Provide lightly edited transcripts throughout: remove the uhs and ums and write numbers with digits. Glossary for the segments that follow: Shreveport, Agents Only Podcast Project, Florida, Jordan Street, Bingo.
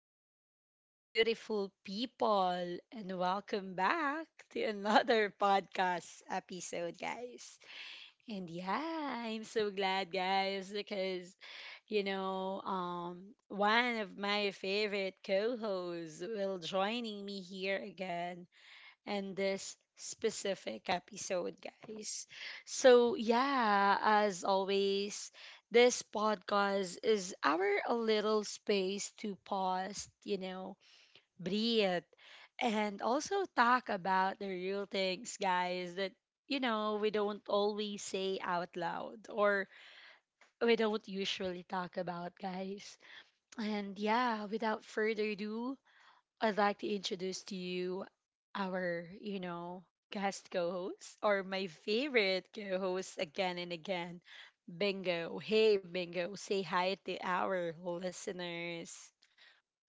Hello, beautiful people, and welcome back to another podcast episode, guys. And yeah, I'm so glad, guys, because, one of my favorite co hosts will joining me here again and this specific episode, guys. So, yeah, as always, this podcast is our a little space to pause, breathe, and also talk about the real things, guys, that we don't always say out loud or we don't usually talk about, guys. And yeah, without further ado, I'd like to introduce to you our guest co-host or my favorite co-host again and again, Bingo. Hey, Bingo, say hi to our listeners.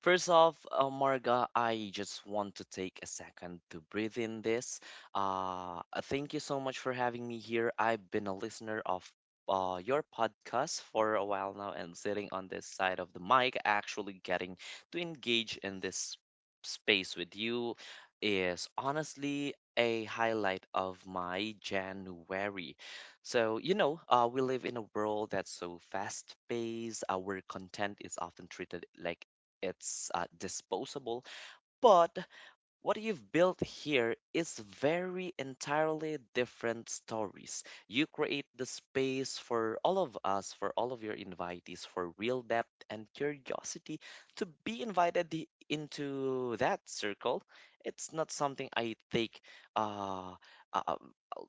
First off, Marga, I just want to take a second to breathe in this. Thank you so much for having me here. I've been a listener of your podcast for a while now and sitting on this side of the mic, actually getting to engage in this space with you is honestly a highlight of my January. We live in a world that's so fast paced. Our content is often treated like it's disposable. But what you've built here is very entirely different stories. You create the space for all of us, for all of your invitees, for real depth and curiosity to be invited into that circle. It's not something I take uh, uh, uh,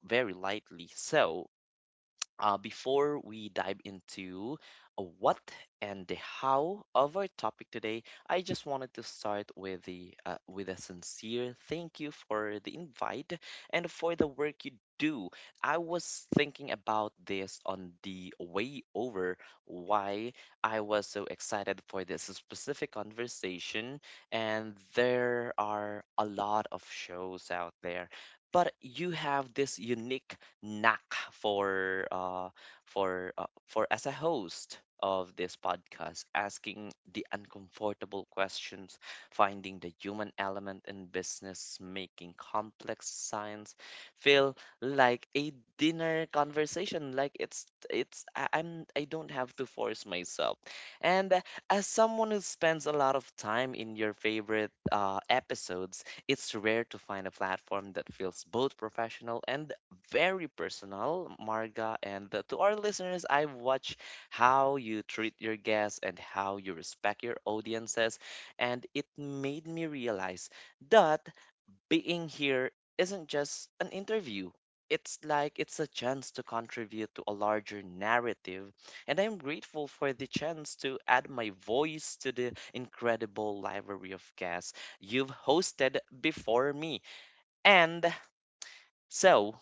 very lightly. So, before we dive into a what and the how of our topic today, I just wanted to start with the with a sincere thank you for the invite and for the work you do. I was thinking about this on the way over why I was so excited for this specific conversation, and there are a lot of shows out there. But you have this unique knack for as a host of this podcast asking the uncomfortable questions, finding the human element in business, making complex science feel like a dinner conversation. Like it's it's I, i'm i don't have to force myself. And as someone who spends a lot of time in your favorite episodes, it's rare to find a platform that feels both professional and very personal, Marga. And to our listeners, I watch how you treat your guests and how you respect your audiences. And it made me realize that being here isn't just an interview. It's a chance to contribute to a larger narrative, and I'm grateful for the chance to add my voice to the incredible library of guests you've hosted before me. And so,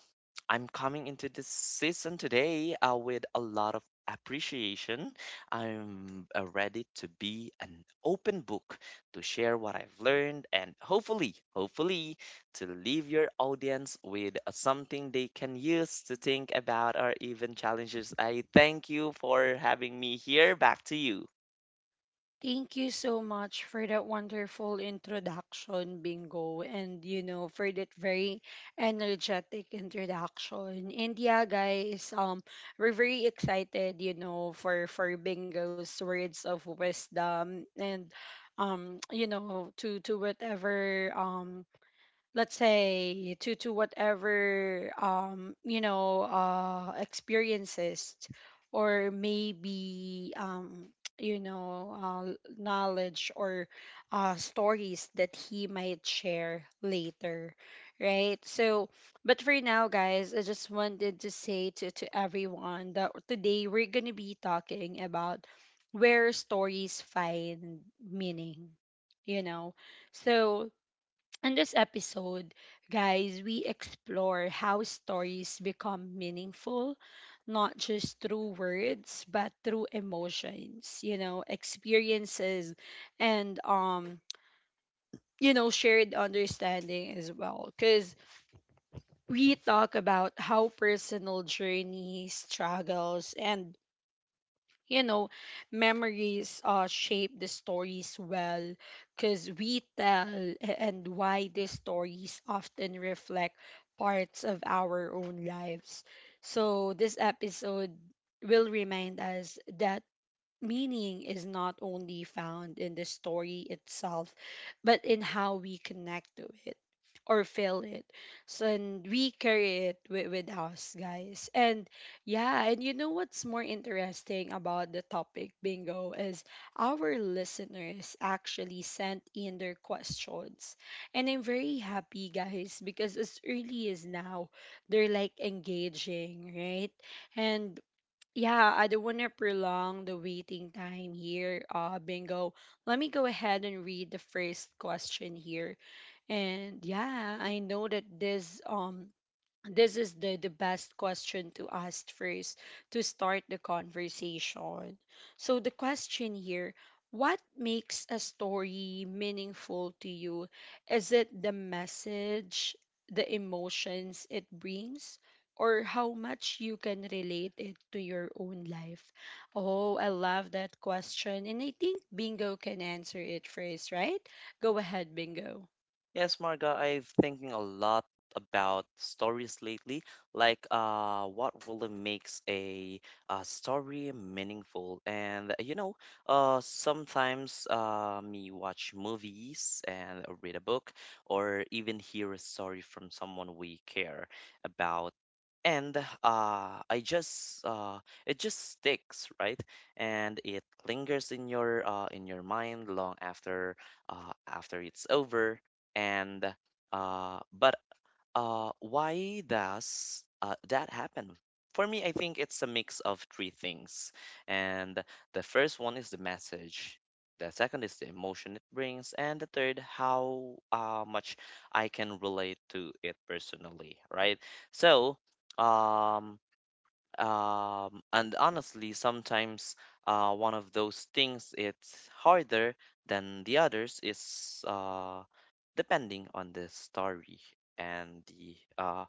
I'm coming into this season today with a lot of appreciation. I'm ready to be an open book to share what I've learned and, hopefully, hopefully, to leave your audience with something they can use to think about or even challenges. I thank you for having me here. Back to you. Thank you so much for that wonderful introduction, Bingo, and you know, for that very energetic introduction. And yeah, guys, we're very excited, you know, for Bingo's words of wisdom and you know, to whatever let's say to whatever you know experiences or maybe you know knowledge or stories that he might share later, right? So, but for now, guys, I just wanted to say to everyone that today we're going to be talking about where stories find meaning, you know. So in this episode, guys, we explore how stories become meaningful, not just through words, but through emotions, you know, experiences, and, you know, shared understanding as well. Because we talk about how personal journeys, struggles, and you know, memories shape the stories well because and why these stories often reflect parts of our own lives. So, this episode will remind us that meaning is not only found in the story itself, but in how we connect to it or feel it. So, and we carry it with us, guys. And yeah, and you know what's more interesting about the topic, Bingo, is our listeners actually sent in their questions. And I'm very happy, guys, because as early as now, they're like engaging, right? And yeah, I don't want to prolong the waiting time here, Bingo. Let me go ahead and read the first question here. And yeah, I know that this is the best question to ask first to start the conversation. So the question here: what makes a story meaningful to you? Is it the message, the emotions it brings, or how much you can relate it to your own life? Oh, I love that question, and I think Bingo can answer it first, right? Go ahead, Bingo. Yes, Marga, I've thinking a lot about stories lately, like what really makes a story meaningful. And sometimes me watch movies and read a book, or even hear a story from someone we care about. And I just it just sticks, right? And it lingers in your mind long after after it's over and but why does that happen? For me, I think it's a mix of three things, and the first one is the message. The second is the emotion it brings, and the third, how much I can relate to it personally, right? So, um, and honestly, sometimes one of those things it's harder than the others is depending on the story and the uh,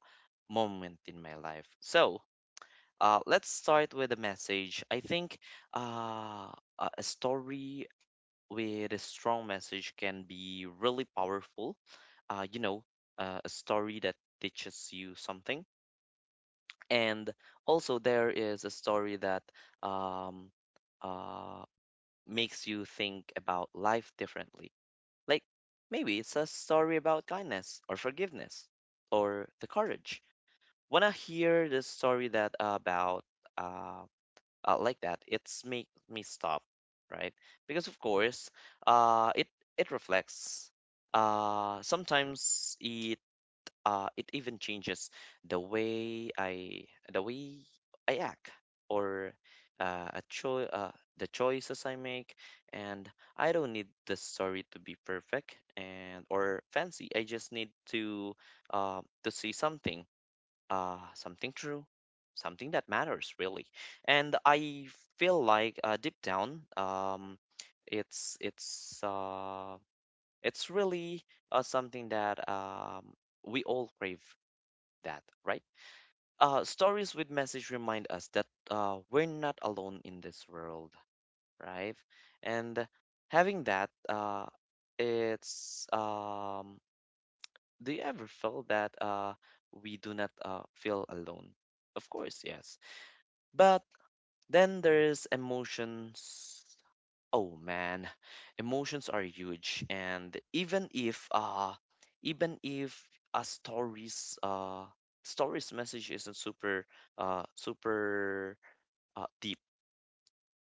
moment in my life. So, let's start with a message. I think uh, a story with a strong message can be really powerful. Uh, you know, a story that teaches you something, and also, there is a story that um, uh, makes you think about life differently. Like maybe it's a story about kindness or forgiveness or the courage. When I hear the story that about uh, like that, it's make me stop, right? Because of course, it it reflects. Sometimes it even changes the way I the way I act or uh, a cho- uh, the choices I make. And I don't need the story to be perfect and or fancy. I just need to see something something true, something that matters really. And I feel like deep down, it's it's uh, it's really something that we all crave that, right? Stories with message remind us that we're not alone in this world, right? And having that, it's do you ever feel that we do not feel alone? Of course, yes. But then there's emotions. Oh man, emotions are huge, and even if a story's story's message isn't super uh super deep,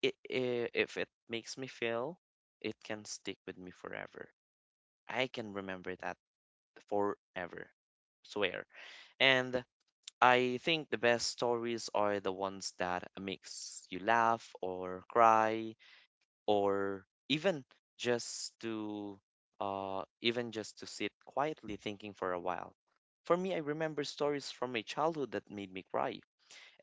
it, I if it makes me feel, it can stick with me forever. I can remember that forever, swear. And I think the best stories are the ones that makes you laugh or cry or just to even just to sit quietly thinking for a while. For me, I remember stories from my childhood that made me cry,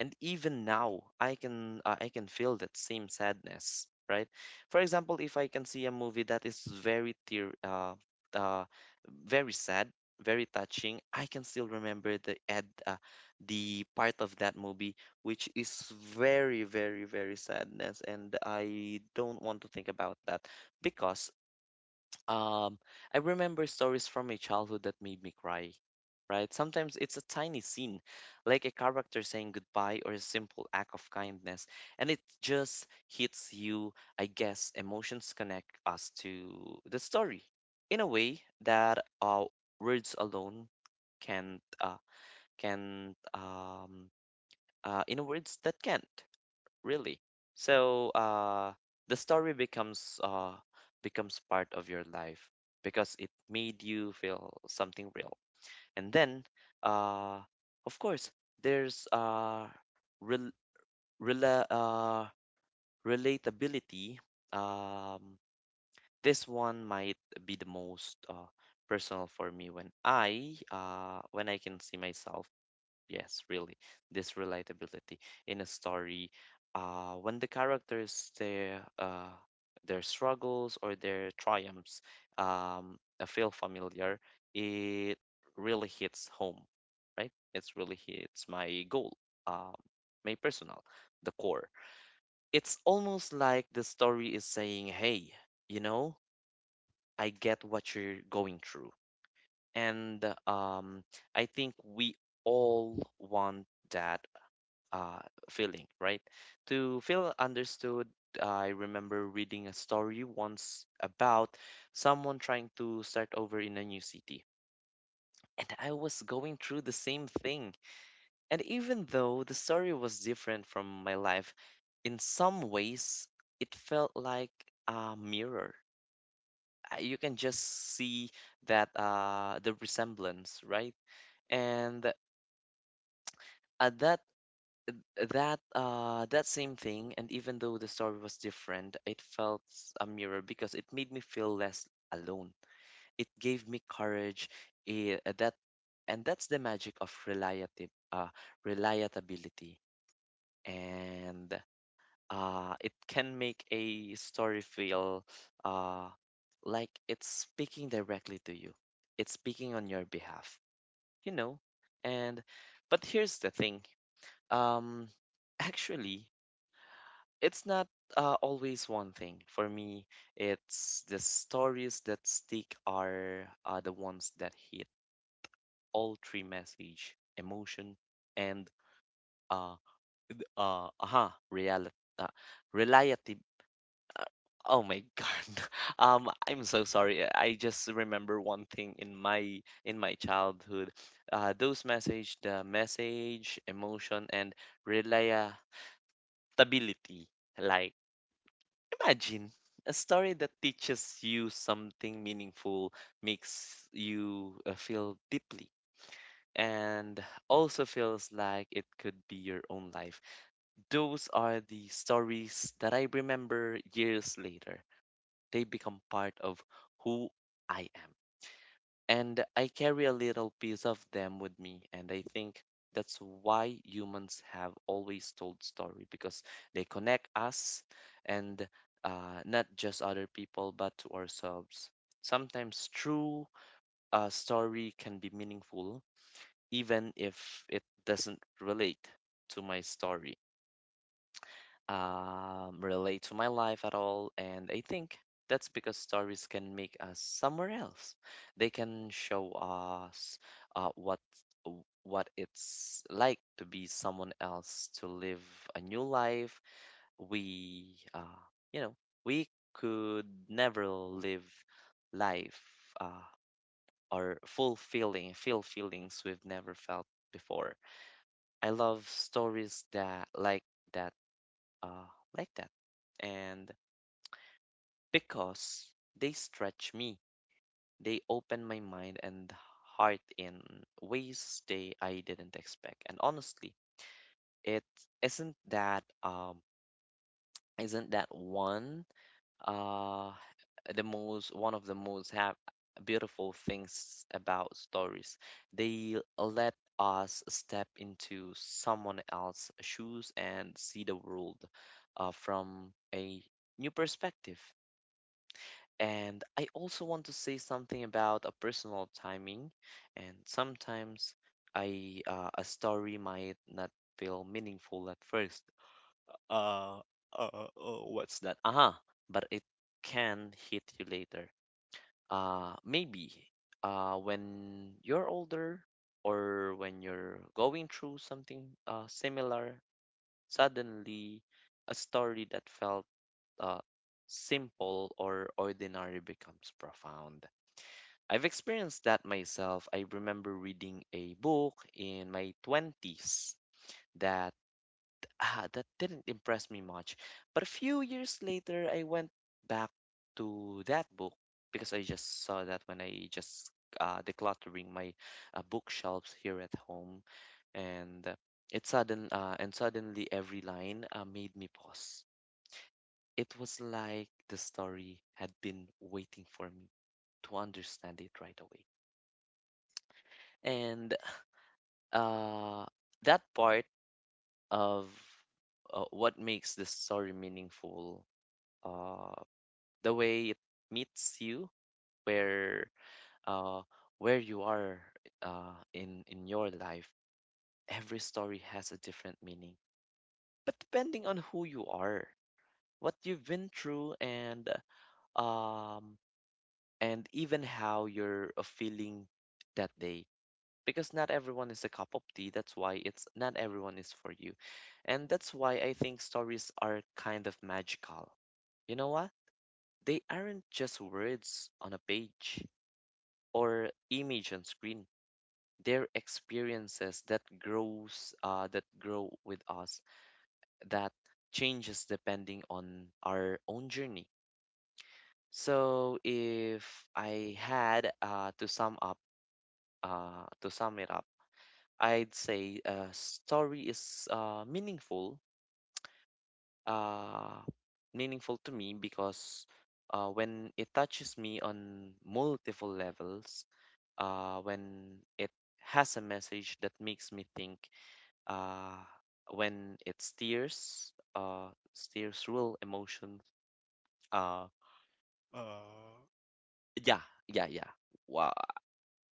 and even now, I can feel that same sadness, right? For example, if I can see a movie that is very tear, uh, very sad, very touching, I can still remember the part of that movie which is very, very, very sadness, and I don't want to think about that because, um, I remember stories from my childhood that made me cry, right? Sometimes it's a tiny scene, like a character saying goodbye or a simple act of kindness, and it just hits you. I guess emotions connect us to the story in a way that words alone can't, uh, can't, in a words that can't really. So, the story becomes part of your life because it made you feel something real. And then, uh, of course, there's rel rela uh, relatability. Um, this one might be the most personal for me when I can see myself. Yes, really, this relatability in a story, when the characters, their struggles or their triumphs feel familiar, it really hits home, right? It's really hits my goal, um, my personal, the core. It's almost like the story is saying, "Hey, you know, I get what you're going through," and, I think we all want that uh, feeling, right? To feel understood, I remember reading a story once about someone trying to start over in a new city. And I was going through the same thing. And even though the story was different from my life, in some ways, it felt like a mirror. You can just see that the resemblance, right? And at that same thing, and even though the story was different, a mirror, because it made me feel less alone, it gave me courage, it, that and that's the magic of reliability. And it can make a story feel uh like it's speaking directly to you, it's speaking on your behalf, you know. And but here's the thing, um actually, it's not always one thing for me. It's the stories that stick are the ones that hit all three: message, emotion, and uh uh aha reality uh, reality. uh, oh my god, I'm so sorry, I just remember one thing in my childhood. Uh, those message, the message, emotion, and reliability. Imagine a story that teaches you something meaningful, makes you feel deeply, and also feels like it could be your own life. Those are the stories that I remember years later. They become part of who I am, and I carry a little piece of them with me. And I think that's why humans have always told story, because they connect us, and not just other people but to ourselves. Sometimes true story can be meaningful even if it doesn't relate to my story, relate to my life at all. And I think that's because stories can make us somewhere else. They can show us uh, what what it's like to be someone else, to live a new life. We, uh, you know, we could never live life uh, or fulfilling, feel feelings we've never felt before. I love stories that like that uh, like that. And because they stretch me, they open my mind and heart in ways they I didn't expect. And honestly, it isn't that um isn't that one uh the most, one of the most have beautiful things about stories. They let us step into someone else's shoes and see the world from a new perspective. And I also want to say something about a personal timing. And sometimes I a story might not feel meaningful at first. Uh, what's that? Aha, uh-huh. But it can hit you later. Maybe when you're older or when you're going through something similar, suddenly a story that felt uh, simple or ordinary becomes profound. I've experienced that myself. I remember reading a book in my 20s that that didn't impress me much. But a few years later, I went back to that book because I just saw that when I just decluttering my bookshelves here at home, and it sudden and suddenly every line made me pause. It was like the story had been waiting for me to understand it right away. And uh, that part of what makes the story meaningful, uh, the way it meets you where, uh, where you are in your life. Every story has a different meaning, but depending on who you are, what you've been through, um and even how you're feeling that day, because not everyone is a cup of tea. That's why it's not everyone is for you. And that's why I think stories are kind of magical. You know what? They aren't just words on a page or image on screen. They're experiences that grow with us, that changes depending on our own journey. So if I had to sum it up, I'd say a story is uh, meaningful to me because, when it touches me on multiple levels, when it has a message that makes me think, uh, when it steers real emotion, uh, yeah, yeah, yeah. Wow,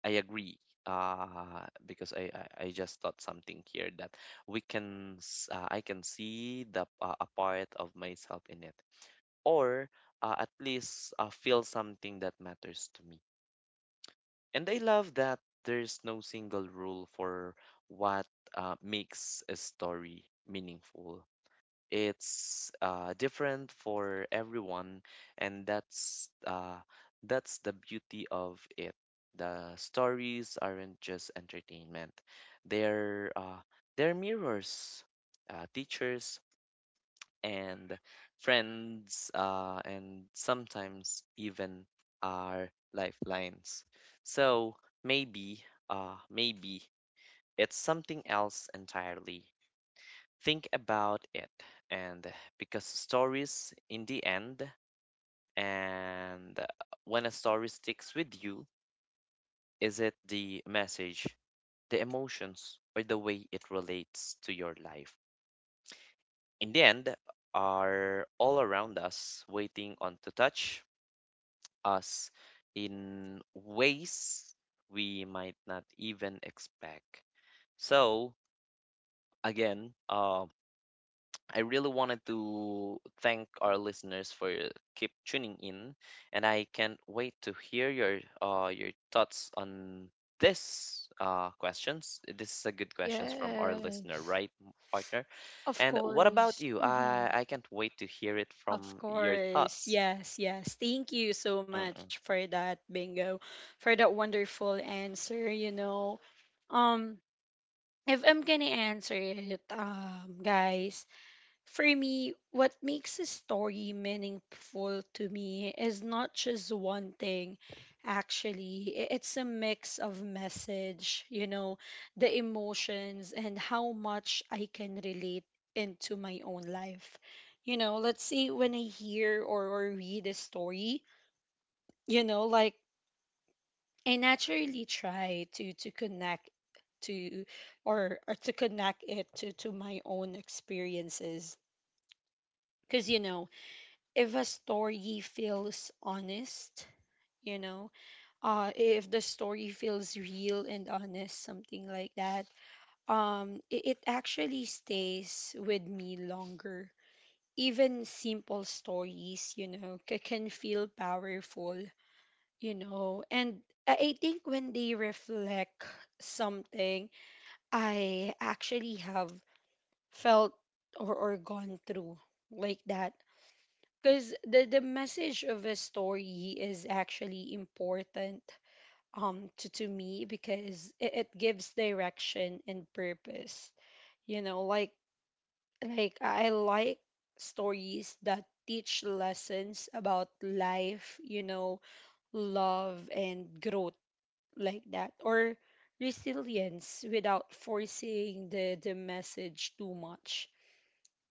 I agree. Because I just thought something here that I can see the a part of myself in it, or at least feel something that matters to me. And I love that there's no single rule for what makes a story meaningful. It's different for everyone, and that's the beauty of it. The stories aren't just entertainment; they're uh, they're mirrors, teachers, and friends, and sometimes even our lifelines. So maybe, maybe it's something else entirely. Think about it. And Because stories in the end, and when a story sticks with you, is it the message, the emotions, or the way it relates to your life? In the end, are all around us, waiting on to touch us in ways we might not even expect. So again, I really wanted to thank our listeners for keep tuning in, and I can't wait to hear your thoughts on this questions. This is a good questions from our listener, Yes. right, partner? Of And what about course. you? Hmm. I can't wait to hear it Of from your course. thoughts. Yes, yes. Thank you so much Mm-mm. for that, Bingo, for that wonderful answer, you know. Um, if I'm gonna answer it, guys, for me, what makes a story meaningful to me is not just one thing, actually. It's a mix of message, you know, the emotions, and how much I can relate into my own life. You know, let's say when I hear or read a story, you know, like I naturally try to connect to or to connect it to my own experiences because you know if a story feels honest, you know, if the story feels real and honest, something like that, it actually stays with me longer. Even simple stories, you know, can feel powerful, you know, and I think when they reflect something I actually have felt or gone through, like that, because the message of a story is actually important to me because it gives direction and purpose, you know, like I like stories that teach lessons about life, you know, love and growth, like that, or resilience without forcing the message too much.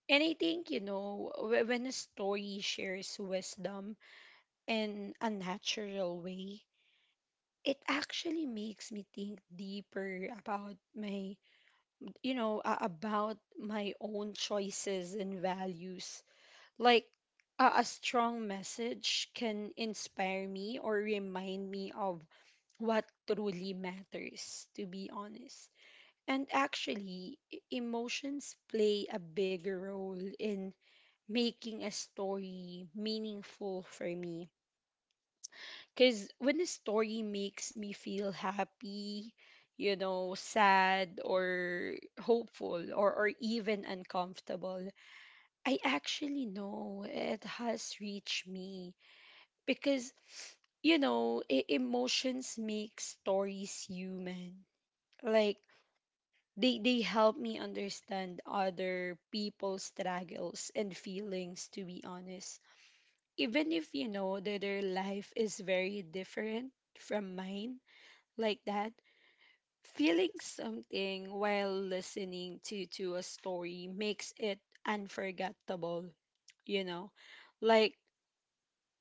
And I think, you know, when a story shares wisdom in a natural way, it actually makes me think deeper about about my own choices and values. Like, a strong message can inspire me or remind me of what truly matters, to be honest. And actually, emotions play a bigger role in making a story meaningful for me. Because when a story makes me feel happy, you know, sad, or hopeful, or even uncomfortable, I actually know it has reached me. Because, you know, emotions make stories human. Like, they help me understand other people's struggles and feelings, to be honest. Even if, you know, that their life is very different from mine, like that. Feeling something while listening to a story makes it unforgettable, you know. Like,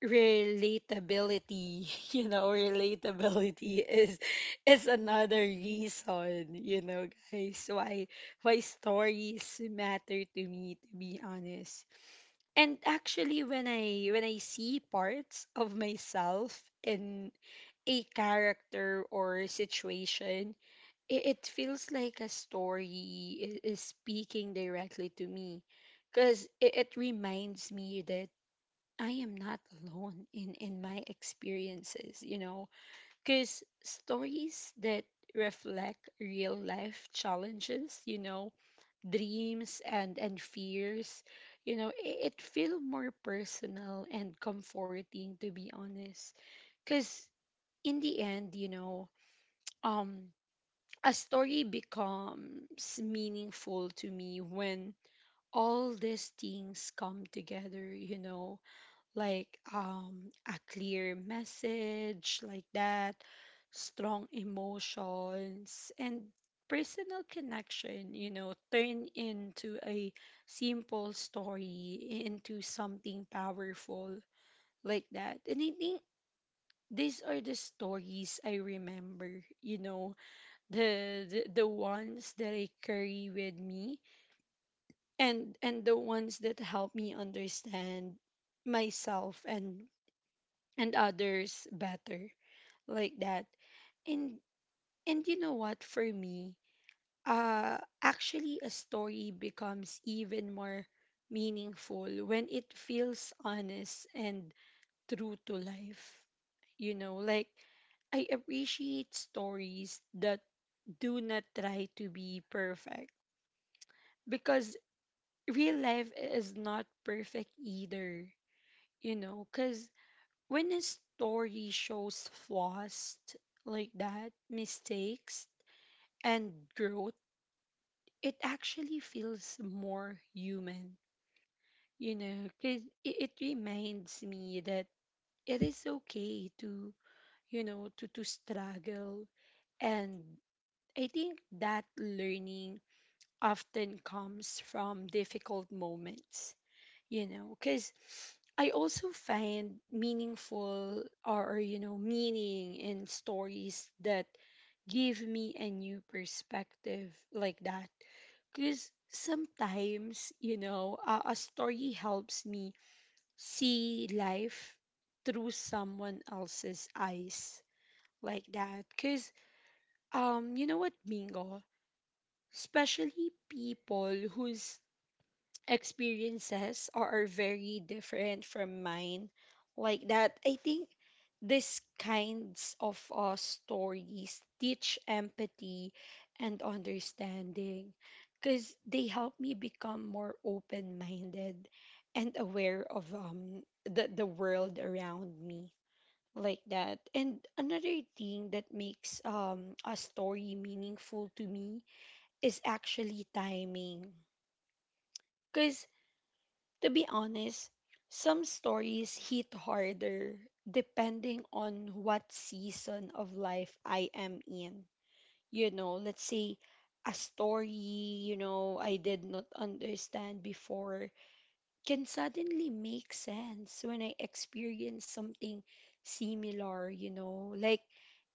relatability you know, relatability is another reason, you know, guys, why stories matter to me, to be honest. And actually, when I when I see parts of myself in a character or situation, it feels like a story is speaking directly to me, because it reminds me that I am not alone in my experiences, you know, because stories that reflect real life challenges, you know, dreams and fears, you know, it feel more personal and comforting, to be honest. Because in the end, you know, um, a story becomes meaningful to me when all these things come together, you know, like, a clear message, like that, strong emotions, and personal connection, you know, turn into a simple story into something powerful, like that. And I think these are the stories I remember, you know, the ones that I carry with me and the ones that help me understand myself and others better, like that. and and you know what, for me, uh actually a story becomes even more meaningful when it feels honest and true to life, you know. Like, I appreciate stories that do not try to be perfect because real life is not perfect either, you know, because when a story shows flaws, like that, mistakes, and growth, it actually feels more human, you know, because it reminds me that it is okay to, you know, to struggle. And I think that learning often comes from difficult moments, you know, because I also find meaningful or meaning in stories that give me a new perspective, like that. Because sometimes, you know, a story helps me see life through someone else's eyes, like that. Because, you know what, Bingo? Especially people whose experiences are very different from mine, like that. I think these kinds of stories teach empathy and understanding because they help me become more open-minded and aware of the world around me, like that. And another thing that makes a story meaningful to me is actually timing, because to be honest, some stories hit harder depending on what season of life I am in. You know, let's say a story, you know, I did not understand before can suddenly make sense when I experience something similar, you know. Like,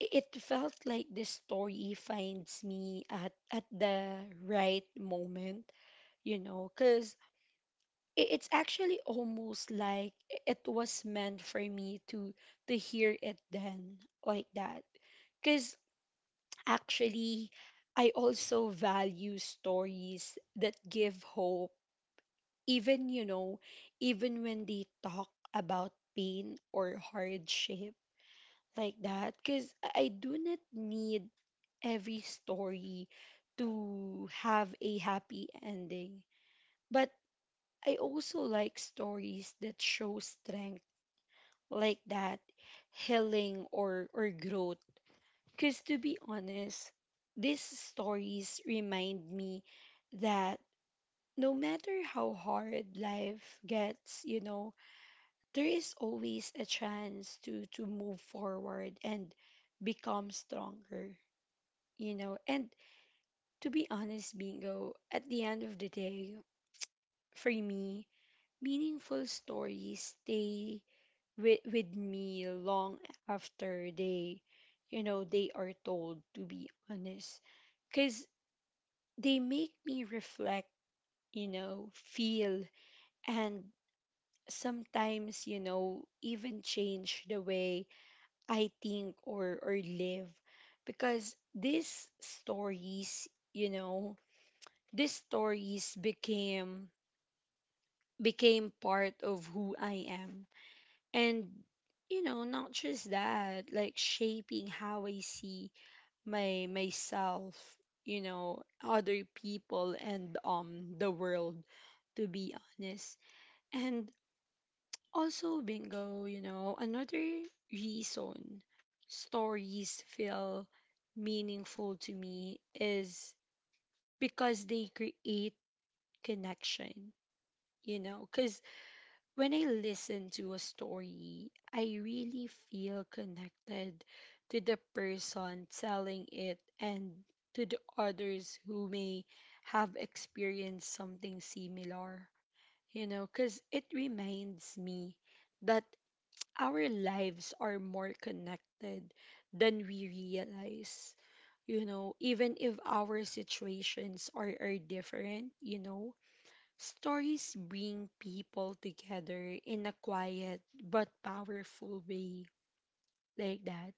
it felt like the story finds me at the right moment, you know, cuz it's actually almost like it was meant for me to hear it then, like that, because actually I also value stories that give hope, even you know, even when they talk about pain or hardship, like that, because I do not need every story to have a happy ending, but I also like stories that show strength, like that, healing or growth, because to be honest, these stories remind me that no matter how hard life gets, you know, there is always a chance to move forward and become stronger, you know. And to be honest, Bingo, at the end of the day, for me, meaningful stories stay with me long after they, you know, they are told, to be honest. Because they make me reflect, you know, feel, and sometimes, you know, even change the way I think or live. Because these stories, you know, these stories became part of who I am, and you know, not just that, like shaping how I see my myself, you know, other people, and the world, to be honest. And also, Bingo, you know, another reason stories feel meaningful to me is because they create connection, you know, cuz when I listen to a story, I really feel connected to the person telling it and to the others who may have experienced something similar. You know, because it reminds me that our lives are more connected than we realize. You know, even if our situations are different, you know, stories bring people together in a quiet but powerful way, like that.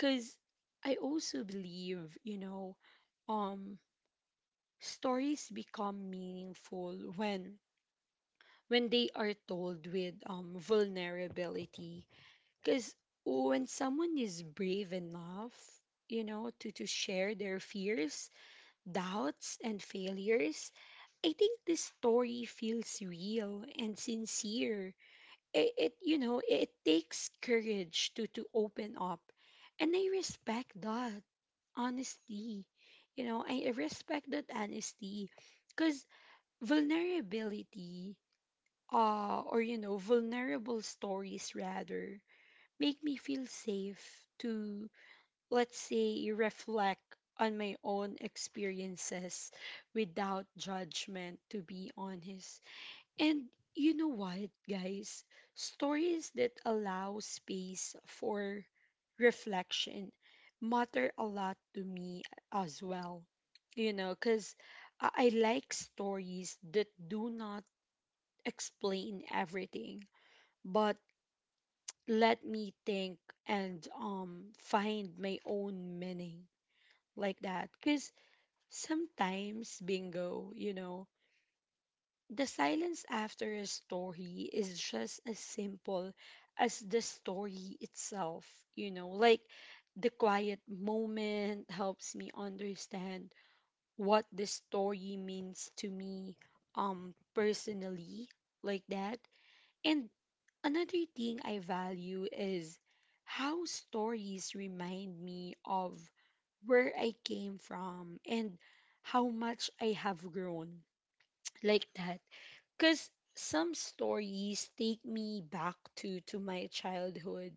Cause I also believe, you know, um stories become meaningful when they are told with vulnerability. Cause when someone is brave enough, to share their fears, doubts and failures, I think the story feels real and sincere. It it takes courage to open up, and I respect that honesty. I respect that honesty. Because vulnerability, or vulnerable stories rather, make me feel safe to, let's say, reflect on my own experiences without judgment, to be honest. And you know what, guys? Stories that allow space for reflection matter a lot to me as well. You know, because I like stories that do not explain everything, but let me think and find my own meaning, like that. Because sometimes, bingo, the silence after a story is just as simple as the story itself, you know? Like the quiet moment helps me understand what the story means to me personally, like that. And another thing I value is how stories remind me of where I came from and how much I have grown, like that. Cause some stories take me back to my childhood,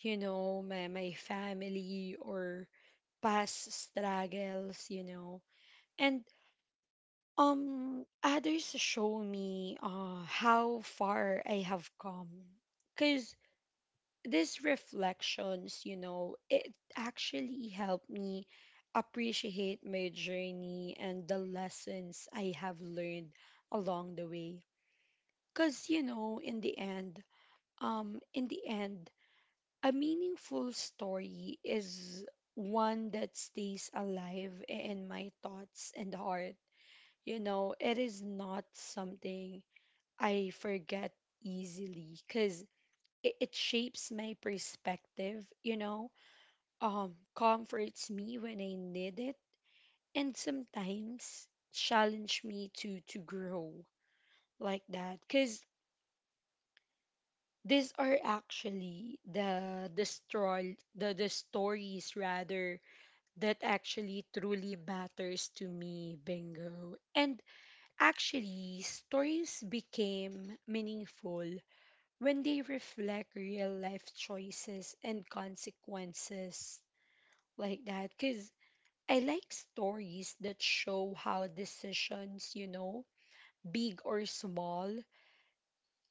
you know, my family or past struggles, you know. And others show me how far I have come. Cause these reflections, it actually helped me appreciate my journey and the lessons I have learned along the way. Cause, in the end, um, in the end, a meaningful story is one that stays alive in my thoughts and heart. You know, it is not something I forget easily because it shapes my perspective, comforts me when I need it, and sometimes challenge me to grow, like that. Cause these are actually the stroll, the stories rather that actually truly matters to me, Bingo. And actually, stories became meaningful when they reflect real life choices and consequences, like that. Cause I like stories that show how decisions, big or small,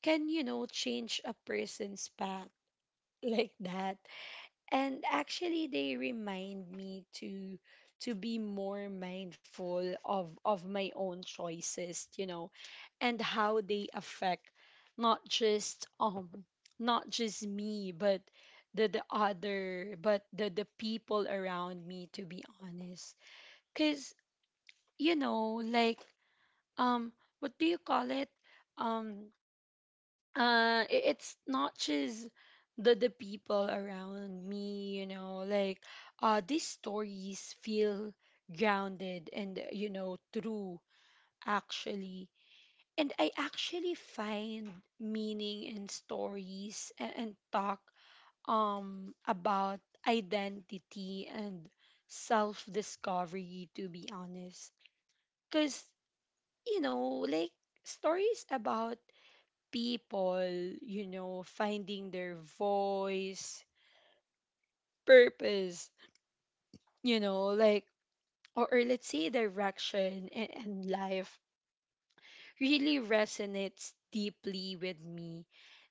can change a person's path like that. And actually they remind me to be more mindful of my own choices, and how they affect not just not just me but the other but the people around me, to be honest. Cuz, like, um what do you call it? um it's not just the people around me, you know, like, these stories feel grounded and true, actually. And I actually find meaning in stories, and talk about identity and self discovery, to be honest. Cuz, like, stories about people, finding their voice, purpose, like, or let's say direction, and life really resonates deeply with me.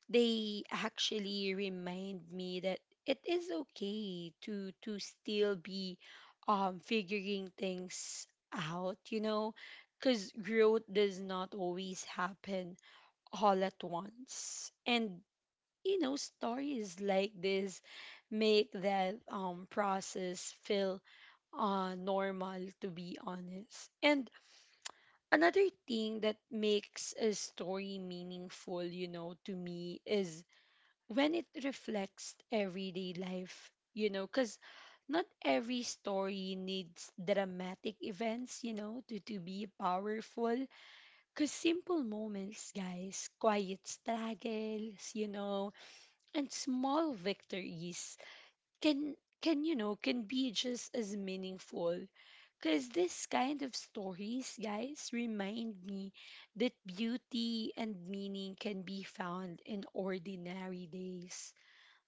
They actually remind me that it is okay to still be figuring things out, because growth does not always happen all at once. And stories like this make that process feel normal, to be honest. And another thing that makes a story meaningful, to me, is when it reflects everyday life, cuz not every story needs dramatic events, to be powerful. Because simple moments, guys, quiet struggles, and small victories can can you know can be just as meaningful, because this kind of stories, guys, remind me that beauty and meaning can be found in ordinary days,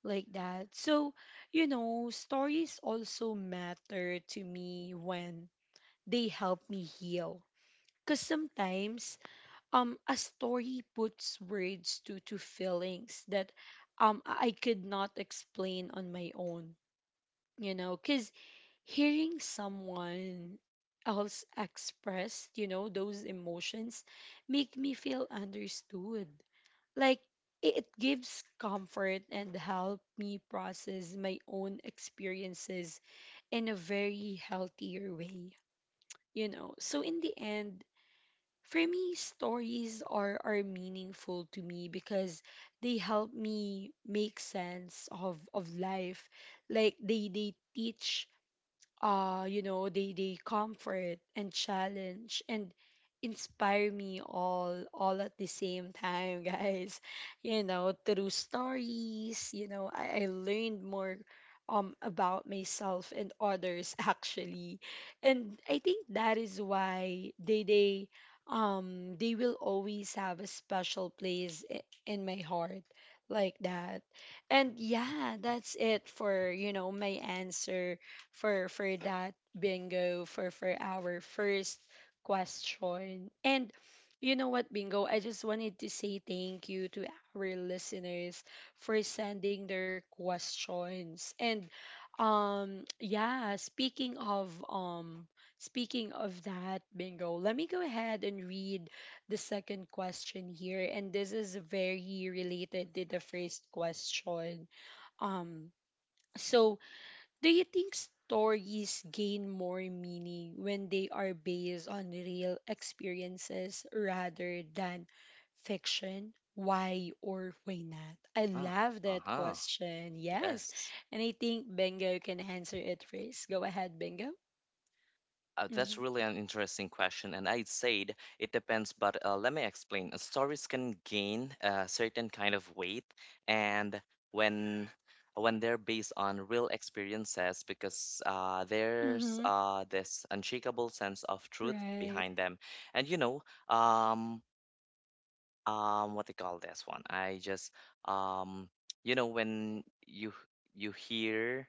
like that. So, stories also matter to me when they help me heal, because sometimes a story puts words to feelings that I could not explain on my own, cuz hearing someone else express, those emotions make me feel understood, like it gives comfort and help me process my own experiences in a very healthier way, you know. So in the end, for me, stories are meaningful to me because they help me make sense of life. Like they teach, they comfort and challenge and inspire me all at the same time, guys. Through stories, I learned more about myself and others actually. And I think that is why they will always have a special place in my heart, like that. And yeah, that's it for, my answer for that, bingo, for our first question. And you know what, bingo? I just wanted to say thank you to our listeners for sending their questions. And yeah, speaking of that, bingo. Let me go ahead and read the second question here, and this is very related to the first question. um so, do you think stories gain more meaning when they are based on real experiences rather than fiction? Why or why not? I love that question. Yes. Yes. And I think Bengo can answer it first. Go ahead, Bengo. That's Mhm. really an interesting question, and I said it depends, but let me explain. Stories can gain a certain kind of weight, and when when they're based on real experiences, because uh, there's Mhm. uh, this unshakable sense of truth Right. behind them, and you know, um, what they call this one? Um, you know, when you hear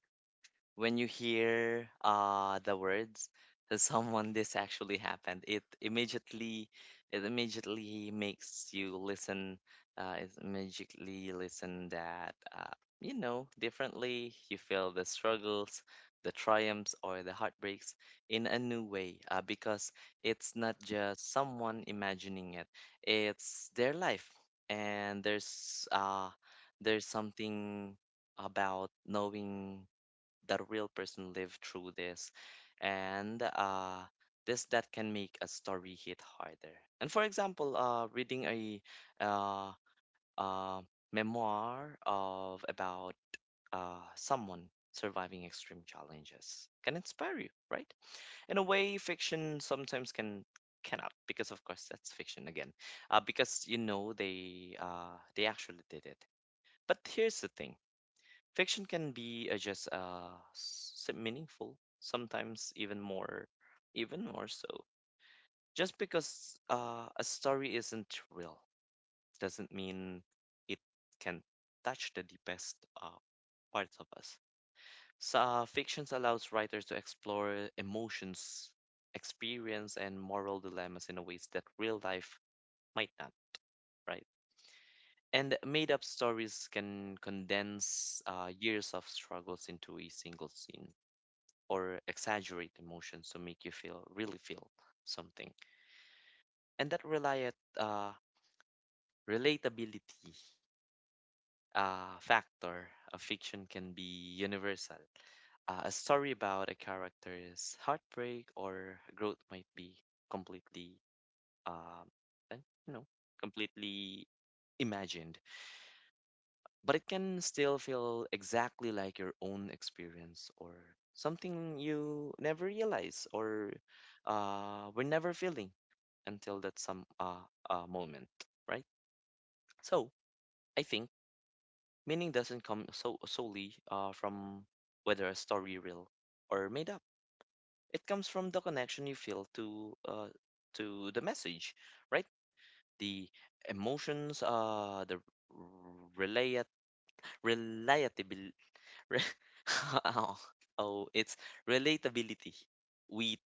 you hear the words, to someone this actually happened, it immediately, it immediately makes you listen, it immediately listen that, you know, differently. You feel the struggles, the triumphs, or the heartbreaks in a new way, because it's not just someone imagining it, it's their life. And there's something about knowing that real person lived through this, and this that can make a story hit harder. And for example, reading a uh, uh, memoir of about someone surviving extreme challenges can inspire you, right, in a way fiction sometimes cannot, because of course that's fiction again, because you know they actually did it. But here's the thing. Fiction can be just s- meaningful, sometimes even more so. Just because a story isn't real doesn't mean it can touch the deepest parts of us. So, fictions allows writers to explore emotions, experience, and moral dilemmas in a ways that real life might not, right? And made up stories can condense years of struggles into a single scene, or exaggerate emotions to make you feel really feel something. And that reliat relatability factor of fiction can be universal. A story about a character's heartbreak or growth might be completely, um, eh, you know, completely imagined, but it can still feel exactly like your own experience, or something you never realize, or were never feeling until that some moment, right? So I think meaning doesn't come so solely from whether a story real or made up. It comes from the connection you feel to, to the message, right? The emotions, the relat relatability. Re- oh, oh, it's relatability. We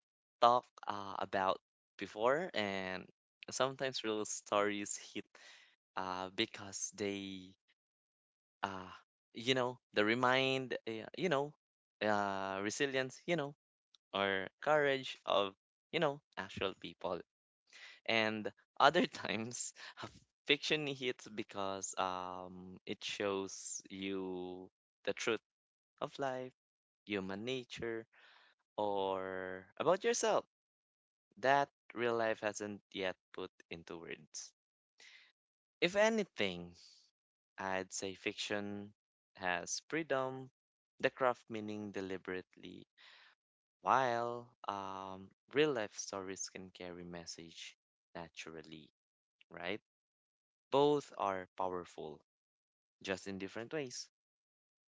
talked about before, and sometimes real stories hit because they, uh, you know, they remind, you know, resilience, you know, or courage of, you know, actual people. And other times, fiction hits because it shows you the truth of life, human nature, or about yourself that real life hasn't yet put into words. If anything, I'd say fiction has freedom, the craft meaning deliberately, while real life stories can carry message naturally, right? Both are powerful, just in different ways.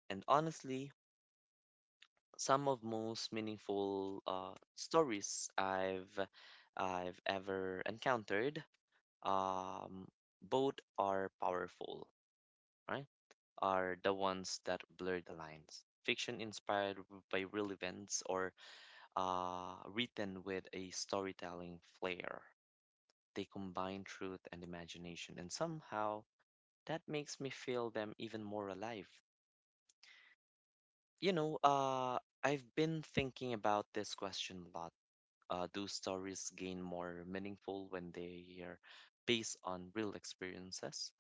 And honestly, some of most meaningful stories I've ever encountered. Um, Both are powerful, right? Are the ones that blur the lines. Fiction inspired by real events, or written with a storytelling flair. They combine truth and imagination, and somehow that makes me feel them even more alive. You know, I've been thinking about this question a lot, those stories gain more meaningful when they are based on real experiences,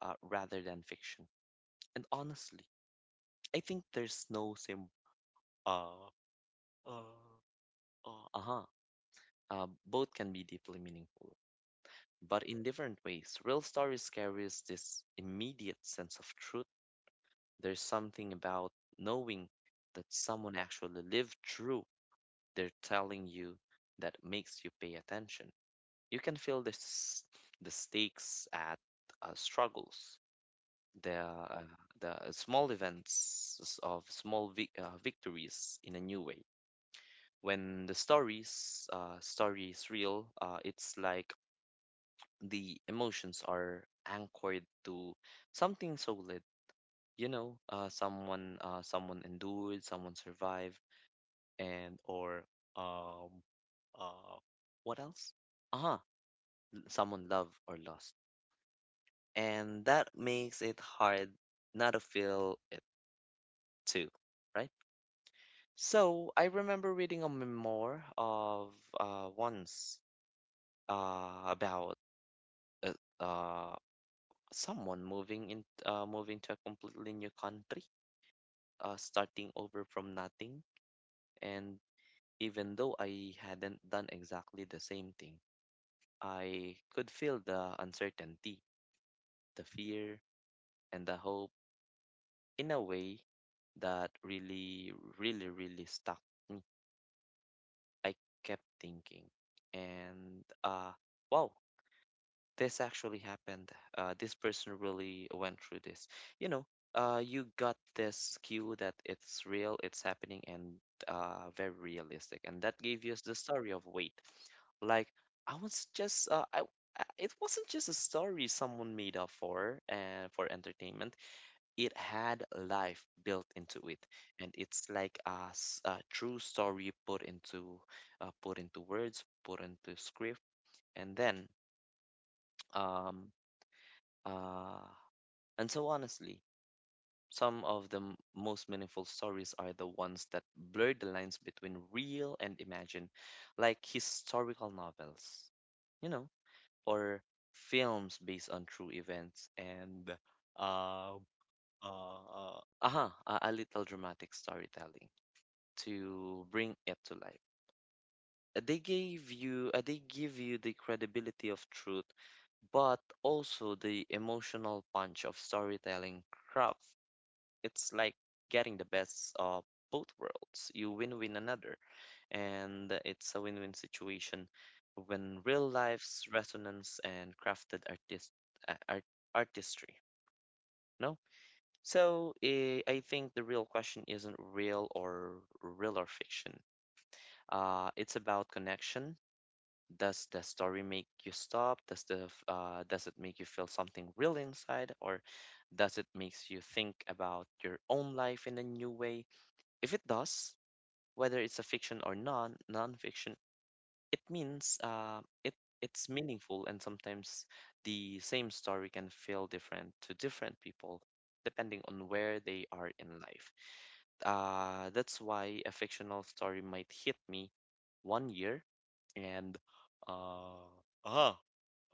rather than fiction. And honestly, I think there's no sim. Uh, uh, uh-huh. Both can be deeply meaningful, but in different ways. Real stories carries this immediate sense of truth. There's something about knowing that someone actually lived through. They're telling you that makes you pay attention. You can feel the stakes at struggles, the uh, the small events of small vic victories in a new way. When the stories story is real, it's like the emotions are anchored to something solid. You know, someone endured, someone survived, and or, um, uh, what else? Uh-huh, someone loved or lost. And that makes it hard not to feel it too, right? So I remember reading a memoir of, once, about uh, uh, someone moving to a completely new country, starting over from nothing. And even though I hadn't done exactly the same thing, I could feel the uncertainty, the fear, and the hope in a way that really, really, really stuck me. I kept thinking, and wow, this actually happened. This person really went through this. You know, you got this cue that it's real, it's happening, and very realistic, and that gave you the story of wait. Like I was just, I. I- It wasn't just a story someone made up for and for entertainment, it had life built into it. And it's like a true story put into, put into words, put into script. And then um uh and so honestly, some of the most meaningful stories are the ones that blur the lines between real and imagined, like historical novels, you know, or films based on true events, and uh, uh, a little dramatic storytelling to bring it to life. They give you the credibility of truth, but also the emotional punch of storytelling craft. It's like getting the best of both worlds. You and it's a win win situation when real life's resonance and uh, art, artistry. No, so I think the real question isn't real or fiction. It's about connection. Does the story make you stop? Does does it make you feel something real inside, or does it makes you think about your own life in a new way? If it does, whether it's a fiction or non non-fiction, it means it's meaningful. And sometimes the same story can feel different to different people depending on where they are in life. That's why a fictional story might hit me one year, and uh, uh,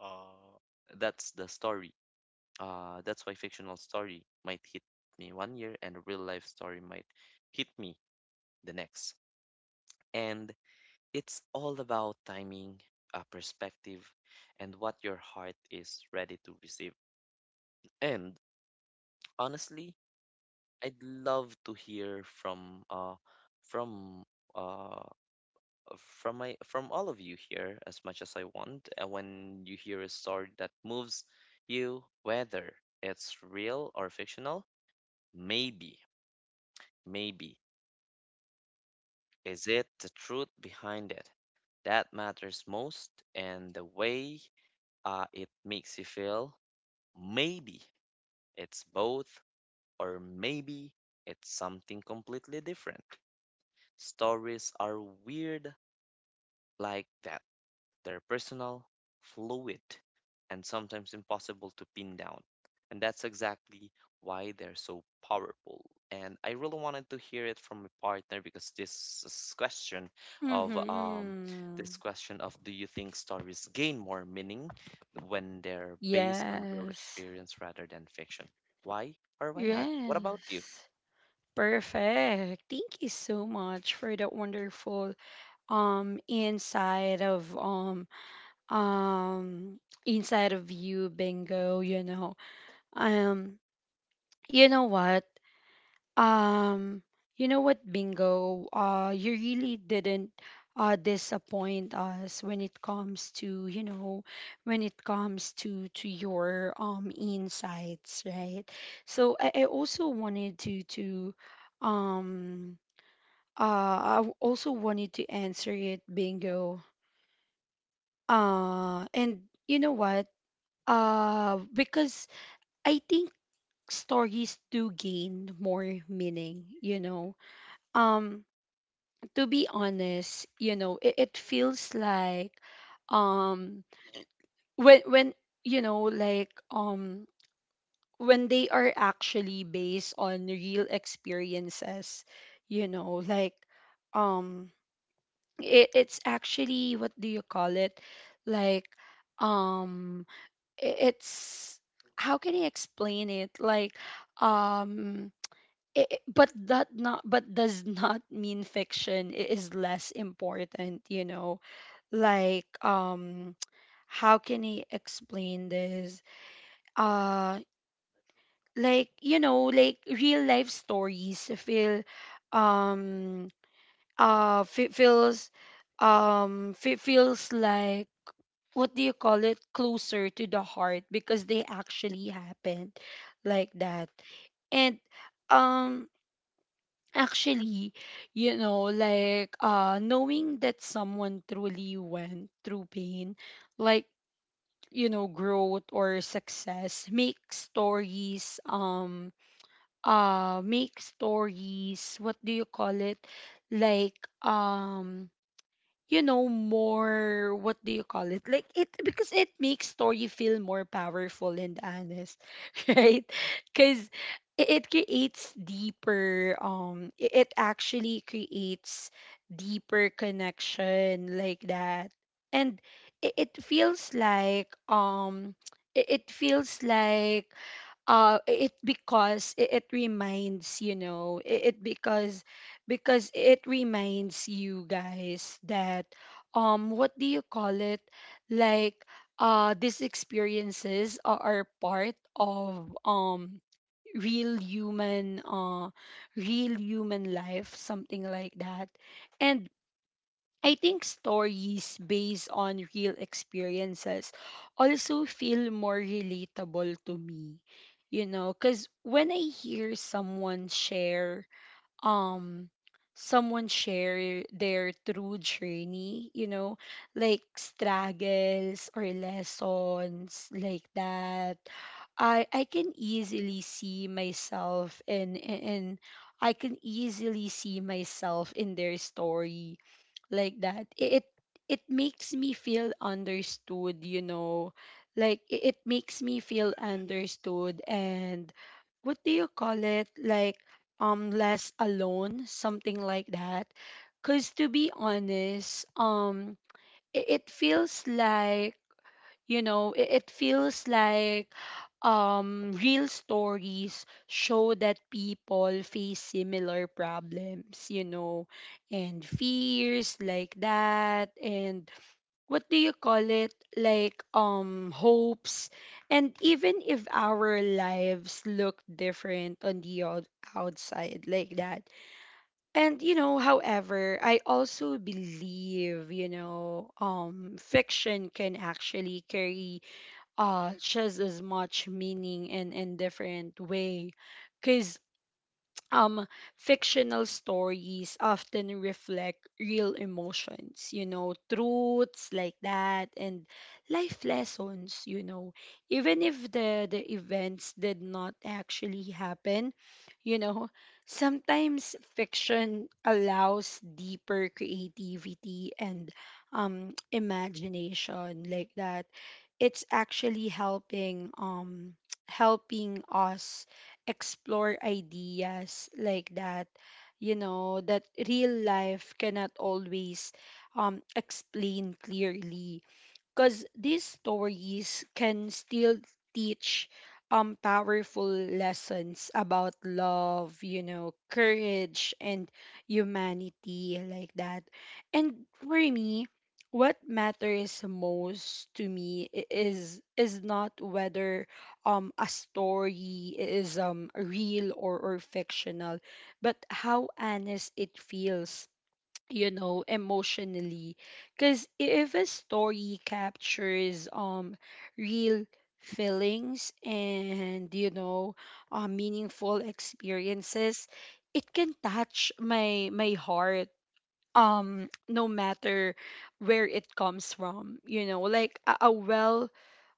uh, that's the story. That's why fictional story might hit me one year, and real life story might hit me the next. And it's all about timing, perspective, and what your heart is ready to receive. And honestly, I'd love to hear from, from uh from my, from all of you here as much as I want, when you hear a story that moves you, whether it's real or fictional. Maybe, maybe, is it the truth behind it that matters most, and the way it makes you feel? Maybe it's both, or maybe it's something completely different. Stories are weird like that. They're personal, fluid, and sometimes impossible to pin down. And that's exactly why they're so powerful. And I really wanted to hear it from my partner, because this is question of this Mhm. question of, do you think stories gain more meaning when they're based on real Yes. experience rather than fiction? Why or why not? What about you? Yes. Perfect. Thank you so much for that wonderful inside of, um you, bingo, you know. Um you know what? Um, you know what, Bingo? You really didn't disappoint us when it comes to, when it comes to your insights, right? So I also wanted um to answer it, Bingo. And you know what? Because I think stories do gain more meaning, you know. Um to be honest, you know, it feels like, um when, like, when they are actually based on real experiences, you know, like, um it's actually, what do you call it? Like, um it's, how can I explain it? Like, um but that not but does not mean fiction is less important, you know, like, how can I explain this? Uh like, like, real life stories feel, um uh fe- feels feels like, what do you call it, closer to the heart because they actually happened, like that. And um actually, like, knowing that someone truly went through pain, like, growth or success, make stories, what do you call it, like, um more, what do you call it, like, it, because it makes story feel more powerful and honest. Right? Because it actually creates deeper connection, like that. And it feels like, it feels like, it, because it reminds, it because it reminds you, guys, that, what do you call it, like, these experiences are part of real human, real human life, something like that. And I think stories based on real experiences also feel more relatable to me. You know, cuz when I hear someone um share their true journey, you know, like struggles or lessons, like that. I can easily see myself in- I can easily see myself in their story, like that. It makes me feel understood, you know, like, it makes me feel understood, and what do you call it, like, less alone, something like that. Because to be honest, it feels like, you know, it feels like, real stories show that people face similar problems, you know, and fears, like that, and what do you call it? Like, hopes. And even if our lives look different on the outside, like that. And, you know, however, I also believe, you know, fiction can actually carry just as much meaning in different way, because um fictional stories often reflect real emotions, you know, truths, like that, and life lessons, you know, even if the events did not actually happen, you know. Sometimes fiction allows deeper creativity and imagination, like that. It's actually helping, helping us explore ideas, like that, you know, that real life cannot always explain clearly, because these stories can still teach powerful lessons about love, you know, courage and humanity, like that. And for me, what matters most to me is not whether a story is real, or fictional, but how honest it feels, you know, emotionally. Because if a story captures real feelings and, you know, meaningful experiences, it can touch my heart, no matter where it comes from, you know, like, a, a well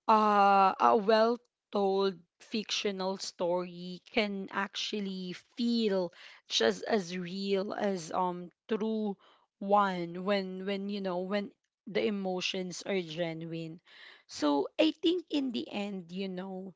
uh, a well told fictional story can actually feel just as real as true one, when you know when the emotions are genuine. So I think in the end, you know,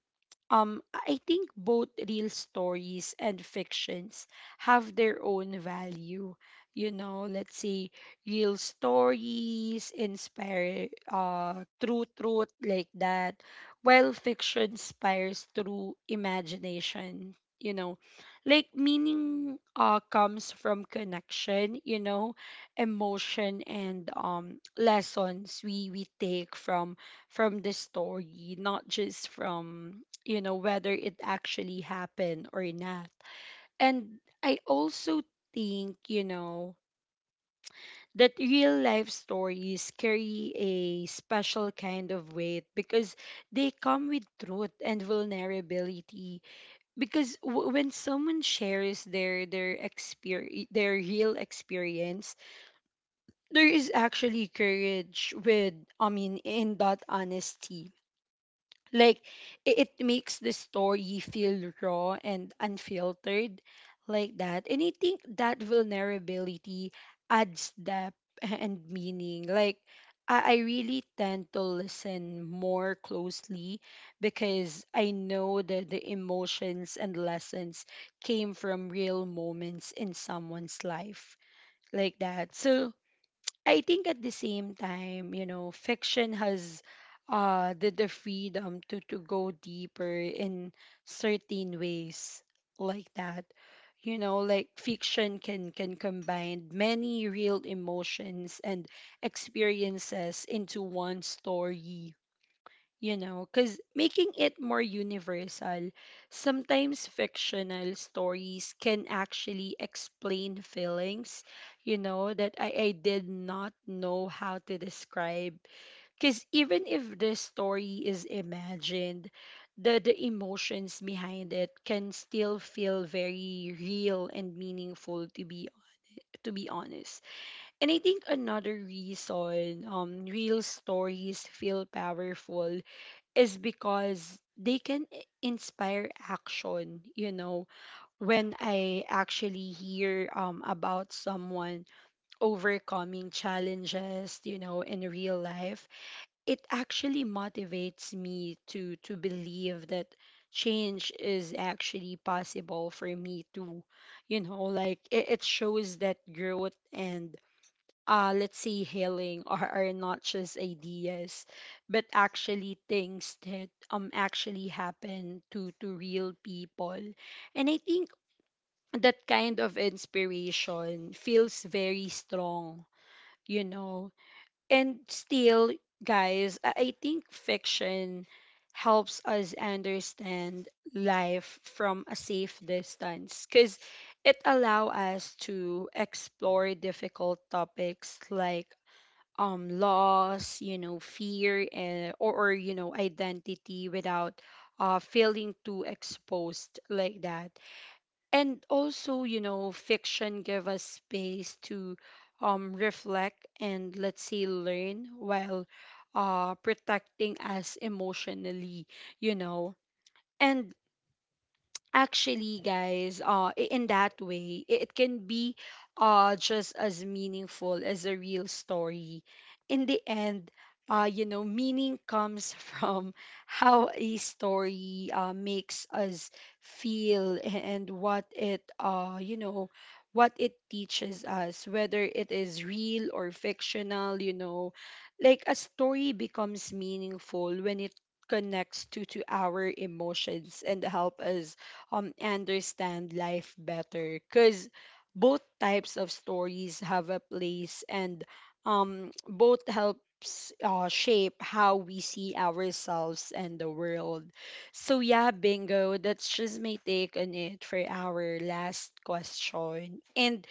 I think both real stories and fictions have their own value. You know, let's say real stories inspire through truth, like that, while fiction inspires through imagination, you know. Like meaning comes from connection, you know, emotion and lessons we take from the story, not just from, you know, whether it actually happened or not. And I also think, you know, that real life stories carry a special kind of weight because they come with truth and vulnerability because when someone shares their experience their real experience there is actually courage with I mean in that honesty. Like it makes the story feel raw and unfiltered like that. And I think that vulnerability adds depth and meaning. Like I really tend to listen more closely because I know that the emotions and lessons came from real moments in someone's life like that. So I think at the same time, you know, fiction has the freedom to go deeper in certain ways like that. You know, like fiction can combine many real emotions and experiences into one story, you know, because making it more universal, sometimes fictional stories can actually explain feelings, you know, that I did not know how to describe. Because even if the story is imagined, the emotions behind it can still feel very real and meaningful, to be honest. And I think another reason real stories feel powerful is because they can inspire action, you know, when I actually hear about someone overcoming challenges, you know, in real life. It actually motivates me to believe that change is actually possible for me too, you know, like it shows that growth and let's say, healing are not just ideas, but actually things that actually happen to real people. And I think that kind of inspiration feels very strong, you know. And still, guys, I think fiction helps us understand life from a safe distance because it allow us to explore difficult topics like loss, you know, fear and, or, you know, identity without feeling too exposed like that. And also, you know, fiction give us space to reflect and, let's say, learn while protecting us emotionally, you know. And actually, guys, in that way, it can be just as meaningful as a real story. In the end, you know, meaning comes from how a story makes us feel and what it, you know, what it teaches us, whether it is real or fictional, you know, like a story becomes meaningful when it connects to our emotions and help us understand life better, because both types of stories have a place and both helps shape how we see ourselves and the world. So yeah, Bingo, that's just my take on it for our last question, and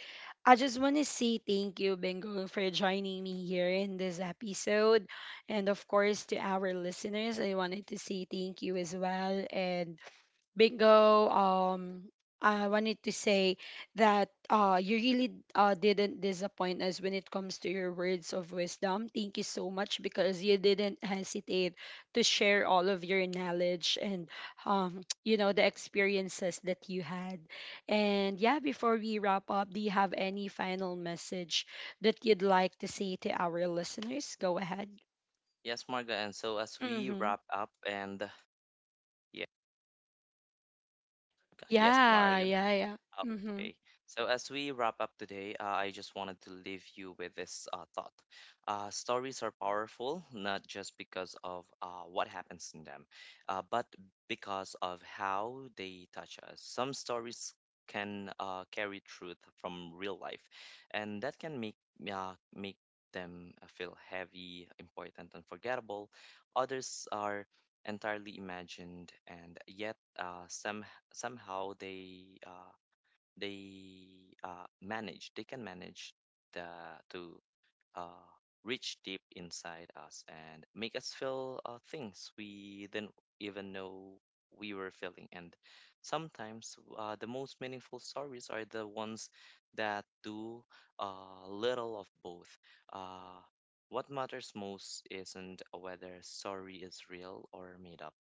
I just want to say thank you, Bingo, for joining me here in this episode, and of course to our listeners, I wanted to say thank you as well. And Bingo, I wanted to say that you really didn't disappoint us when it comes to your words of wisdom. Thank you so much because you didn't hesitate to share all of your knowledge and, you know, the experiences that you had. And yeah, before we wrap up, do you have any final message that you'd like to say to our listeners? Go ahead. Yes, Marga. And so as we Mm-hmm. wrap up, and yeah, yes, Yeah, Marga. yeah, yeah. Mm-hmm. Okay. So as we wrap up today, I just wanted to leave you with this thought. Stories are powerful, not just because of what happens in them, but because of how they touch us. Some stories can carry truth from real life, and that can make make them feel heavy, important, and forgettable. Others are entirely imagined, and yet somehow they can manage the to uh, reach deep inside us and make us feel things we didn't even know we were feeling. And sometimes the most meaningful stories are the ones that do a little of both. Uh, what matters most isn't whether story is real or made up.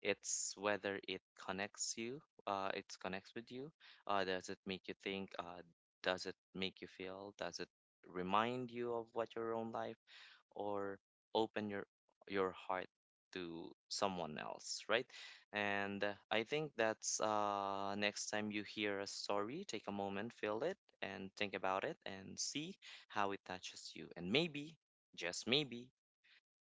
It's whether connects you, it connects with you. Does it make you think? Does it make you feel? Does it remind you of what your own life, or open your heart to someone else, right? And I think that's, next time you hear a story, take a moment, feel it, and think about it, and see how it touches you. And maybe, just maybe,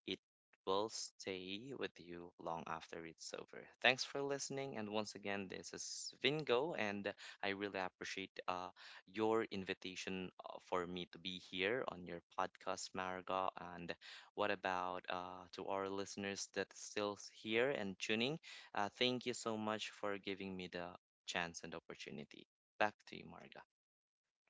it will stay with you long after it's over. Thanks for listening. And once again, this is Vingo, and I really appreciate your invitation for me to be here on your podcast, Mariga. And what about to our listeners that's still here and tuning? Thank you so much for giving me the chance and opportunity. Back to you, Marga.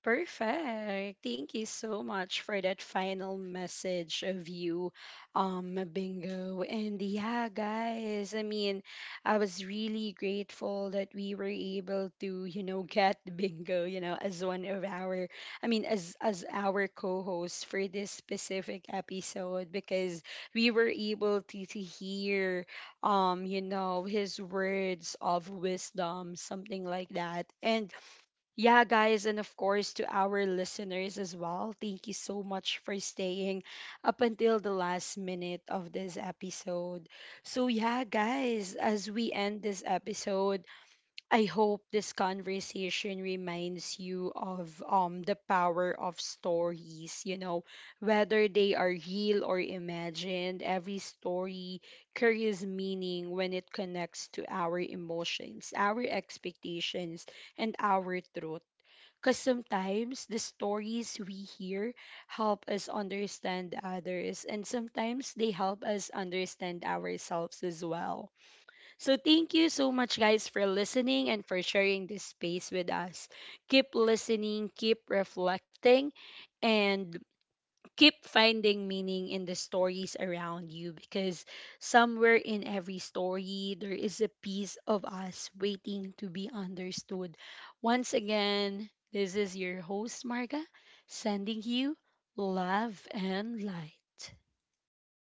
Perfect. Thank you so much for that final message of you, Bingo. And yeah, guys, I mean, I was really grateful that we were able to, you know, get Bingo, you know, as one of our, I mean, as our co-host for this specific episode, because we were able to hear, you know, his words of wisdom, something like that. And yeah, guys, and of course to our listeners as well, thank you so much for staying up until the last minute of this episode. So yeah, guys, as we end this episode, I hope this conversation reminds you of the power of stories, you know, whether they are real or imagined. Every story carries meaning when it connects to our emotions, our expectations, and our truth. Because sometimes the stories we hear help us understand others, and sometimes they help us understand ourselves as well. So thank you so much, guys, for listening and for sharing this space with us. Keep listening, keep reflecting, and keep finding meaning in the stories around you, because somewhere in every story there is a piece of us waiting to be understood. Once again, this is your host Marga, sending you love and light.